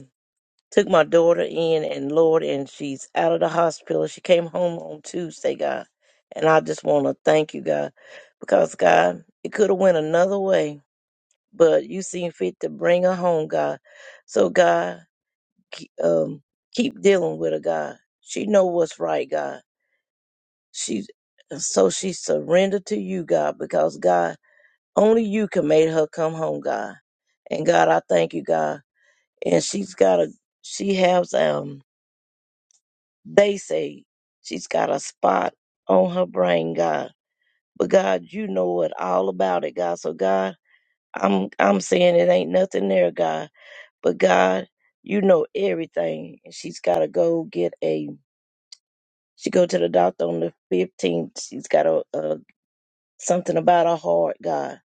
took my daughter in and Lord, and she's out of the hospital. She came home on Tuesday, God. And I just want to thank you, God, because God, it could have went another way but you seem fit to bring her home, God. So God, ke- um, keep dealing with her, God. She know what's right, God. She so she surrendered to you, God, because God, only you can make her come home, God. And God, I thank you, God. And she's got a she has um they say she's got a spot on her brain, God. But God, you know it all about it, God. So God, I'm I'm saying it ain't nothing there, God But God, you know everything. And she's got to go get a. She go to the doctor on the 15th. She's got a, a something about her heart, God.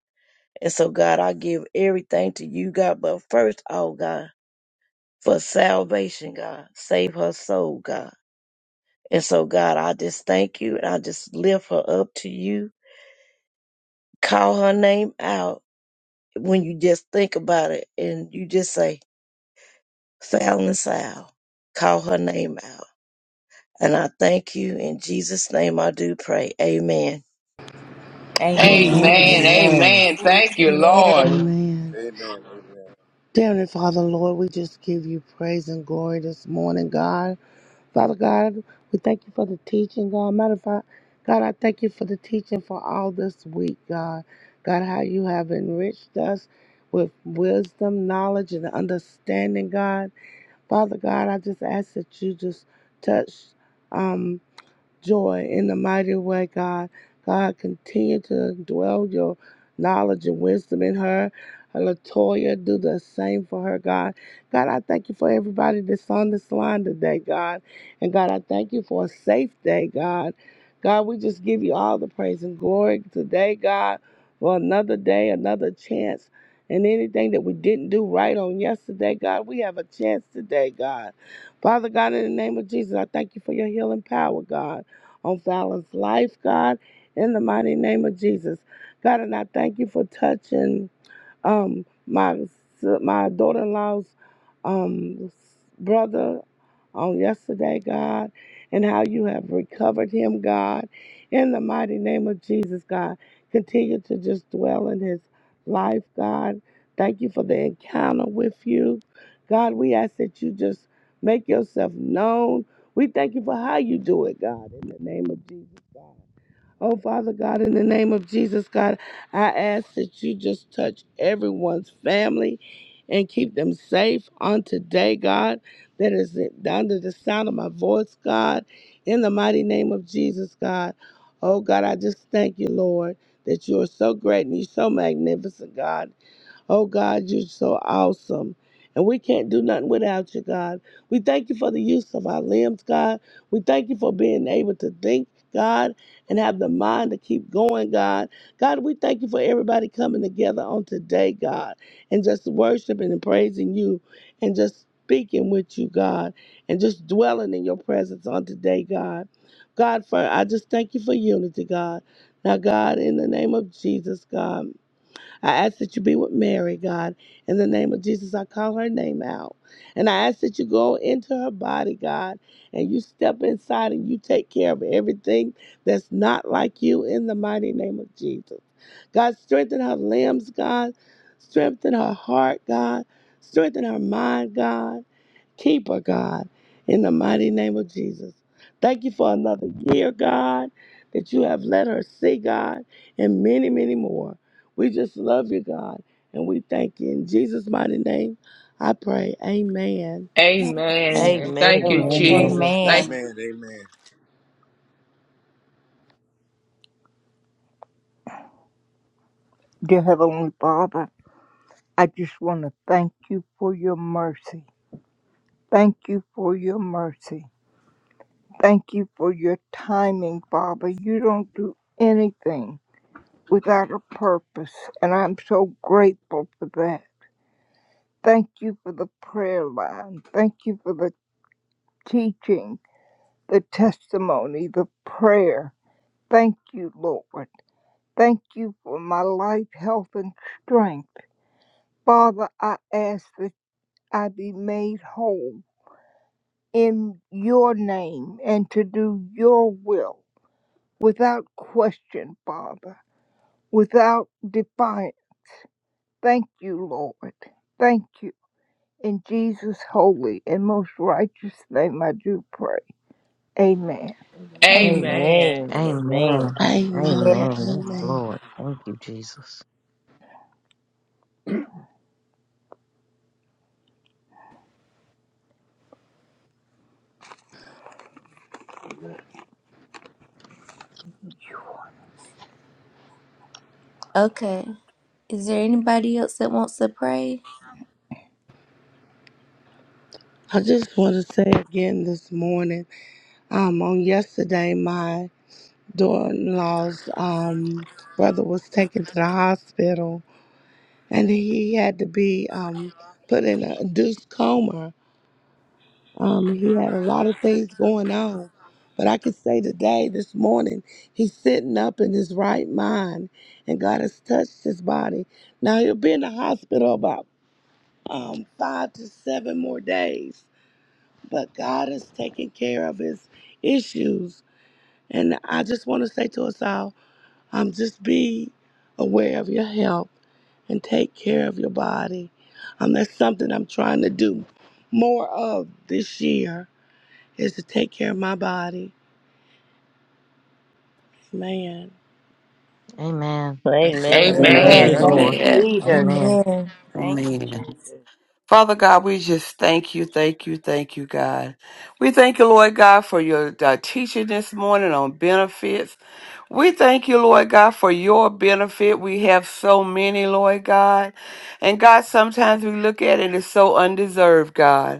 And so, God, I give everything to you, God. But first, oh God, for salvation, God, save her soul, God. And so, God, I just thank you, and I just lift her up to you. Call her name out when you just think about it, and you just say, "Fallon Sal." Call her name out And I thank you. In Jesus' name I do pray. Amen. Amen. Oh, Lord. Amen. Amen. Amen. Thank you, Amen. Lord. Amen. Amen. Amen. Dear Heavenly Father, Lord, we just give you praise and glory this morning, God. Father God, we thank you for the teaching, God. Matter of fact, God, I thank you for the teaching for all this week, God. God, how you have enriched us with wisdom, knowledge, and understanding, God. Father God, I just ask that you just touch. um. joy in the mighty way, God. God, continue to dwell your knowledge and wisdom in her. Latoya, do the same for her, God. God, I thank you for everybody that's on this line today, God. And God, I thank you for a safe day, God. God, we just give you all the praise and glory today, God, for another day, another chance. And anything that we didn't do right on yesterday, God, we have a chance today, God. Father God, in the name of Jesus, I thank you for your healing power, God on Fallon's life, God, in the mighty name of Jesus. God, and I thank you for touching. Um, my my daughter-in-law's um, brother on yesterday, God, and how you have recovered him, God. In the mighty name of Jesus, God, continue to just dwell in his life, God. Thank you for the encounter with you. God, we ask that you just make yourself known. We thank you for how you do it, God, in the name of Jesus, God. Oh, Father God, in the name of Jesus, God, I ask that you just touch everyone's family and keep them safe on today, God, that is under the sound of my voice, God, in the mighty name of Jesus, God. Oh, God, I just thank you, Lord, that you are so great and you're so magnificent, God. Oh God, you're so awesome. And we can't do nothing without you, God. We thank you for the use of our limbs, God. We thank you for being able to think, God, and have the mind to keep going, God. God, we thank you for everybody coming together on today, God, and just worshiping and praising you and just speaking with you, God, and just dwelling in your presence on today, God. God, for I just thank you for unity, God. Now, God, in the name of Jesus, God. I ask that you be with Mary, God. In the name of Jesus, I call her name out. And I ask that you go into her body, God, and you step inside and you take care of everything that's not like you in the mighty name of Jesus. God, strengthen her limbs, God. Strengthen her heart, God. Strengthen her mind, God. Keeper God, in the mighty name of Jesus. Thank you for another year, God, that you have let her see, God, and many, many more. We just love you, God, and we thank you. In Jesus' mighty name, I pray. Amen. Amen. Thank Amen. you, Amen. Amen. Jesus. Thank Amen. Amen. Dear Heavenly Father, I just want to thank you for your mercy. Thank you for your mercy. Thank you for your timing, Father. You don't do anything without a purpose, and I'm so grateful for that. Thank you for the prayer line. Thank you for the teaching, the testimony, the prayer. Thank you, Lord. Thank you for my life, health, and strength. Father, I ask that I be made whole in your name and to do your will without question, Father, without defiance. Thank you, Lord. Thank you. In Jesus' holy and most righteous name, I do pray. Amen. Amen. Amen. Amen. Amen. Amen. Amen. Amen. Yes, Amen. Lord. Thank you, Jesus. Okay. Is there anybody else that wants to pray? I just want to say again this morning, um, on yesterday, my daughter-in-law's um, brother was taken to the hospital and he had to be um, put in a induced coma. Um, he had a lot of things going on, but I could say today, this morning, he's sitting up in his right mind, and God has touched his body. Now he'll be in the hospital about um, five to seven more days, but God has taken care of his issues, and I just want to say to us all. Um, just be aware of your health and take care of your body. Um, that's something I'm trying to do more of this year is to take care of my body. Man, Amen. Amen. Thank Amen. you, Amen. Amen. Amen. Thank Amen. Lord. you, Amen. Amen. Jesus. Amen. Amen. Thank you, Amen. Jesus. Father God, we just thank you, thank you, thank you, God. We thank you, Lord God, for your uh, teaching this morning on benefits. We thank you, Lord God, for your benefit. We have so many, Lord God. And God, sometimes we look at it as so undeserved, God.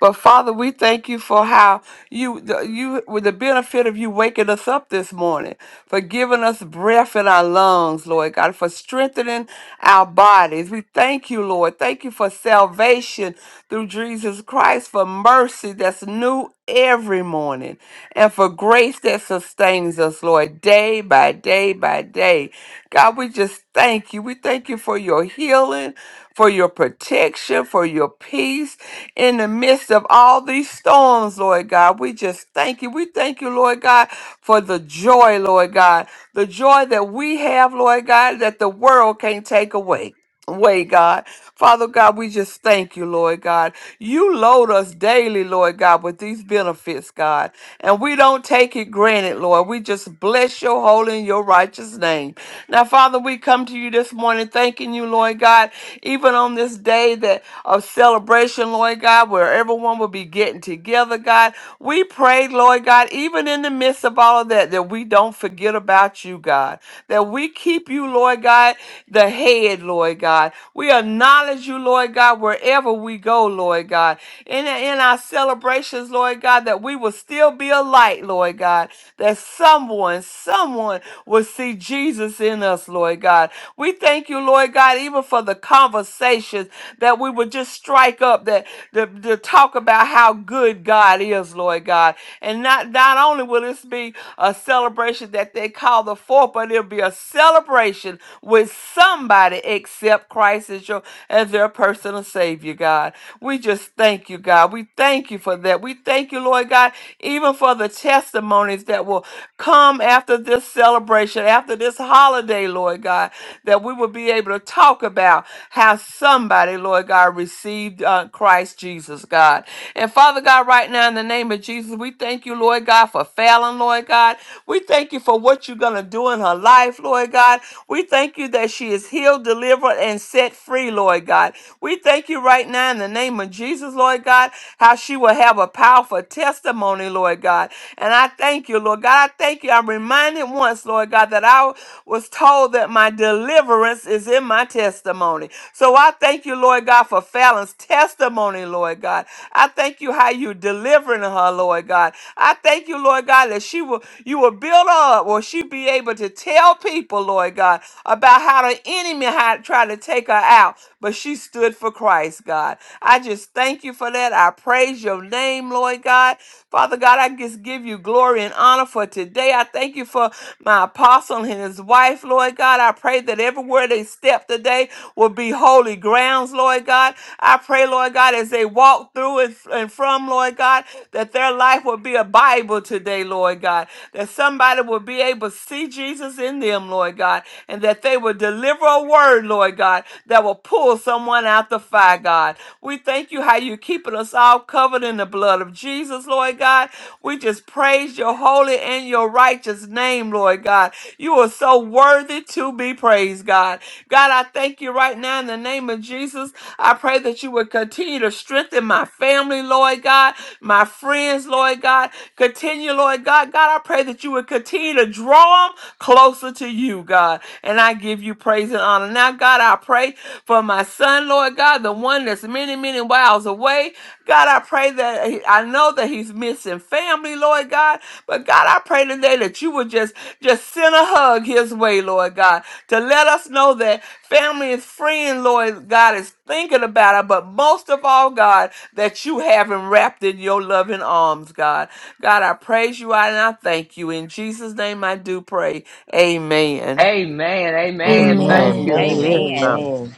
But Father, we thank you for how you the- you with the benefit of you waking us up this morning, for giving us breath in our lungs, Lord God, for strengthening our bodies. We thank you, Lord. Thank you for salvation through Jesus Christ, for mercy that's new every morning, and for grace that sustains us, Lord, day by day by day. God, we just thank you. We thank you for your healing, for your protection, for your peace in the midst of all these storms, Lord God. We just thank you. We thank you, Lord God, for the joy, Lord God. The joy that we have, Lord God, that the world can't take away. Way, God. Father God, we just thank you, Lord God. You load us daily, Lord God, with these benefits, God. And we don't take it granted, Lord. We just bless your holy and your righteous name. Now, Father, we come to you this morning thanking you, Lord God, even on this day that of celebration, Lord God, where everyone will be getting together, God. We pray, Lord God, even in the midst of all of that, that we don't forget about you, God. That we keep you, Lord God, the head, Lord God. We acknowledge you, Lord God, wherever we go, Lord God. In, in our celebrations, Lord God, that we will still be a light, Lord God. That someone, someone everyone will see Jesus in us, Lord God. We thank you, Lord God, even for the conversations that we would just strike up that to, to talk about how good God is, Lord God. And not not only will this be a celebration that they call the fourth, but it'll be a celebration with somebody except Christ as your as their personal Savior, God. We just thank you, God. We thank you for that. We thank you, Lord God, even for the testimonies that will come after this celebration, after this holiday, Lord God, that we will be able to talk about how somebody, Lord God, received uh, Christ Jesus, God. And Father God, right now in the name of Jesus, we thank you, Lord God, for Fallon, Lord God. We thank you for what you're going to do in her life, Lord God. We thank you that she is healed, delivered, and set free, Lord God. We thank you right now in the name of Jesus, Lord God, how she will have a powerful testimony, Lord. Lord God. And I thank you, Lord God. I thank you. I'm reminded once, Lord God, that I was told that my deliverance is in my testimony. So I thank you, Lord God, for Fallon's testimony, Lord God. I thank you how you delivering her, Lord God. I thank you, Lord God, that she will you will build her up or she be able to tell people, Lord God, about how the enemy had tried to take her out, but she stood for Christ, God. I just thank you for that. I praise praise your name, Lord God. Father God, I just give you glory and honor for today. I thank you for my apostle and his wife, Lord God. I pray that everywhere they step today will be holy grounds, Lord God. I pray, Lord God, as they walk through and, and from, Lord God, that their life will be a Bible today, Lord God. That somebody will be able to see Jesus in them, Lord God, and that they will deliver a word, Lord God, that will pull someone out the fire, God. We thank you how you are keeping us all covered in the blood of Jesus, Lord God. We just praise your holy and your righteous name, Lord God. You are so worthy to be praised, God. God, I thank you right now in the name of Jesus. I pray that you would continue to strengthen my family, Lord God, my friends, Lord God. Continue, Lord God. God, I pray that you would continue to draw them closer to you, God. And I give you praise and honor. Now, God, I pray for my son, Lord God, the one that's many, many miles away. God, I pray that he- I know that he's missing family, Lord God, but God, I pray today that you would just just send a hug his way, Lord God, to let us know that family and friend, Lord God, is thinking about it, but most of all, God, that you have him wrapped in your loving arms, God. God, I praise you and I thank you. In Jesus' name I do pray. Amen. Amen. Amen. Amen. Thank Amen. Amen. It you. is Amen. so. Amen.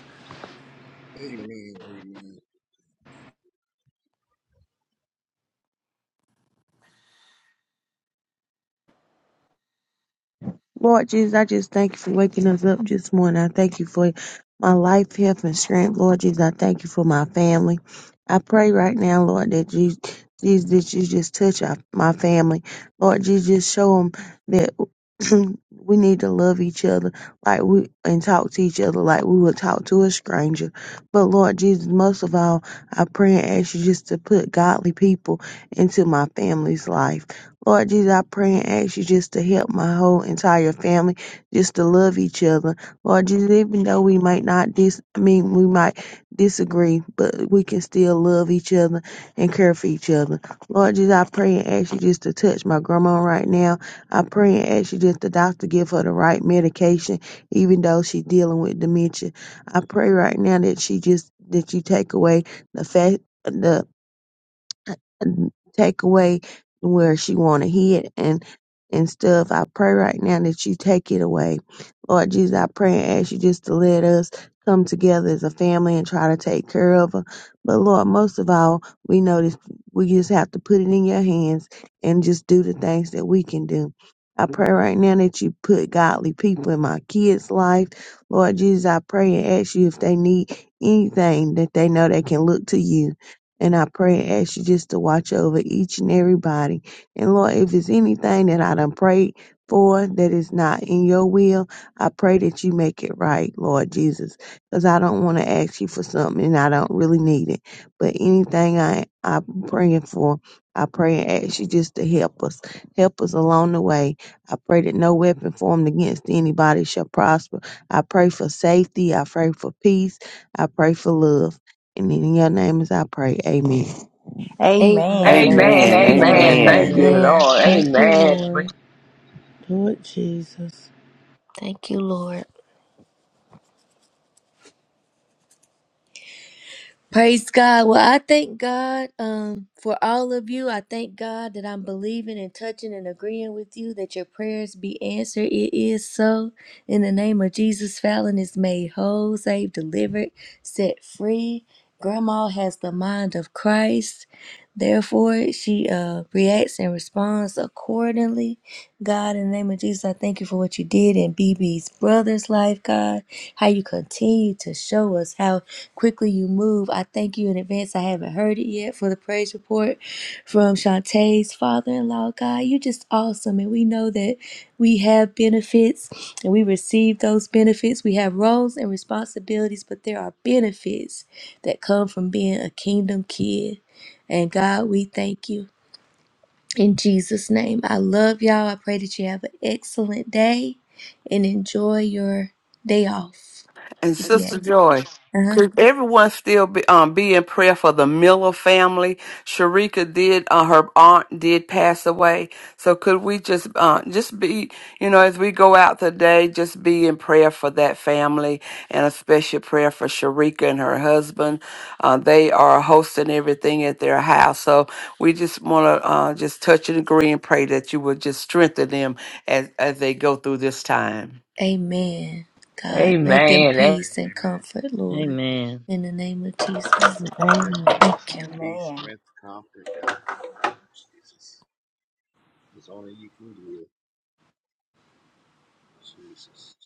Amen. Amen. Amen. Lord Jesus, I just thank you for waking us up this morning. I thank you for my life, health, and strength. Lord Jesus, I thank you for my family. I pray right now, Lord, that you, Jesus, that you just touch our, my family. Lord Jesus, just show them that we need to love each other like we and talk to each other like we would talk to a stranger. But Lord Jesus, most of all, I pray and ask you just to put godly people into my family's life. Lord Jesus, I pray and ask you just to help my whole entire family, just to love each other. Lord Jesus, even though we might not dis I mean we might disagree, but we can still love each other and care for each other. Lord Jesus, I pray and ask you just to touch my grandma right now. I pray and ask you just the doctor give her the right medication, even though she's dealing with dementia. I pray right now that she just that you take away the fact the take away where she want to hit and and stuff. I pray right now that you take it away, Lord Jesus. I pray and ask you just to let us come together as a family and try to take care of her. But Lord, most of all, we know this. We just have to put it in your hands and just do the things that we can do. I pray right now that you put godly people in my kids' life. Lord Jesus, I pray and ask you if they need anything that they know they can look to you. And I pray and ask you just to watch over each and everybody. And Lord, if it's anything that I done prayed for that is not in your will, I pray that you make it right, Lord Jesus. Because I don't want to ask you for something and I don't really need it. But anything I, I'm praying for, I pray and ask you just to help us. Help us along the way. I pray that no weapon formed against anybody shall prosper. I pray for safety. I pray for peace. I pray for love. And in your name as I pray. Amen. Amen. Amen. Amen. Amen. Amen. Amen. Amen. Thank Amen. you, Amen. Amen. Amen. Lord. thank you, Amen. Amen. Lord. Do it, Jesus. Thank you, Lord. Praise God. Well, I thank God um, for all of you. I thank God that I'm believing and touching and agreeing with you that your prayers be answered. It is so. In the name of Jesus, Fallon is made whole, saved, delivered, set free. Grandma has the mind of Christ. Therefore, she uh, reacts and responds accordingly. God, in the name of Jesus, I thank you for what you did in BB's brother's life, God. How you continue to show us how quickly you move. I thank you in advance. I haven't heard it yet for the praise report from Shantae's father in law, God. You're just awesome. And we know that we have benefits and we receive those benefits. We have roles and responsibilities, but there are benefits that come from being a kingdom kid. And God, we thank you. In Jesus' name, I love y'all. I pray that you have an excellent day and enjoy your day off. And If you Sister have it. Joy, Uh-huh. could everyone still be um be in prayer for the Miller family? Sharika did uh, her aunt did pass away, so could we just uh, just be you know as we go out today, just be in prayer for that family and a special prayer for Sharika and her husband. Uh, they are hosting everything at their house, so we just want to uh, just touch and agree and pray that you will just strengthen them as as they go through this time. Amen. God, grant Amen. them Amen. Amen. peace and comfort, Lord, Amen. in the name of Jesus. Yes, Amen. Thank please. you. Peace, Amen. strength, comfort, God, in the name of Jesus. It's only you can give, Jesus.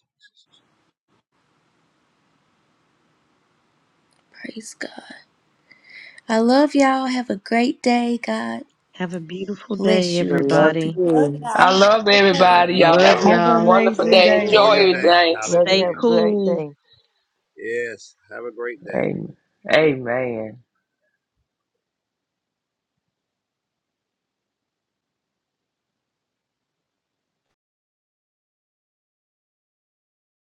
Praise God. I love y'all. Have a great day. God Have a beautiful day, bless you I and love keep you. everybody. you. Amen. I love everybody. Amen. Love Y'all have Love y'all. Have an a y'all. wonderful amazing Love day. day you. Enjoy your Enjoy today. day. everything. Love you. Stay Have Hallelujah. a great cool. day. Yes. Have a great day. Amen. Amen.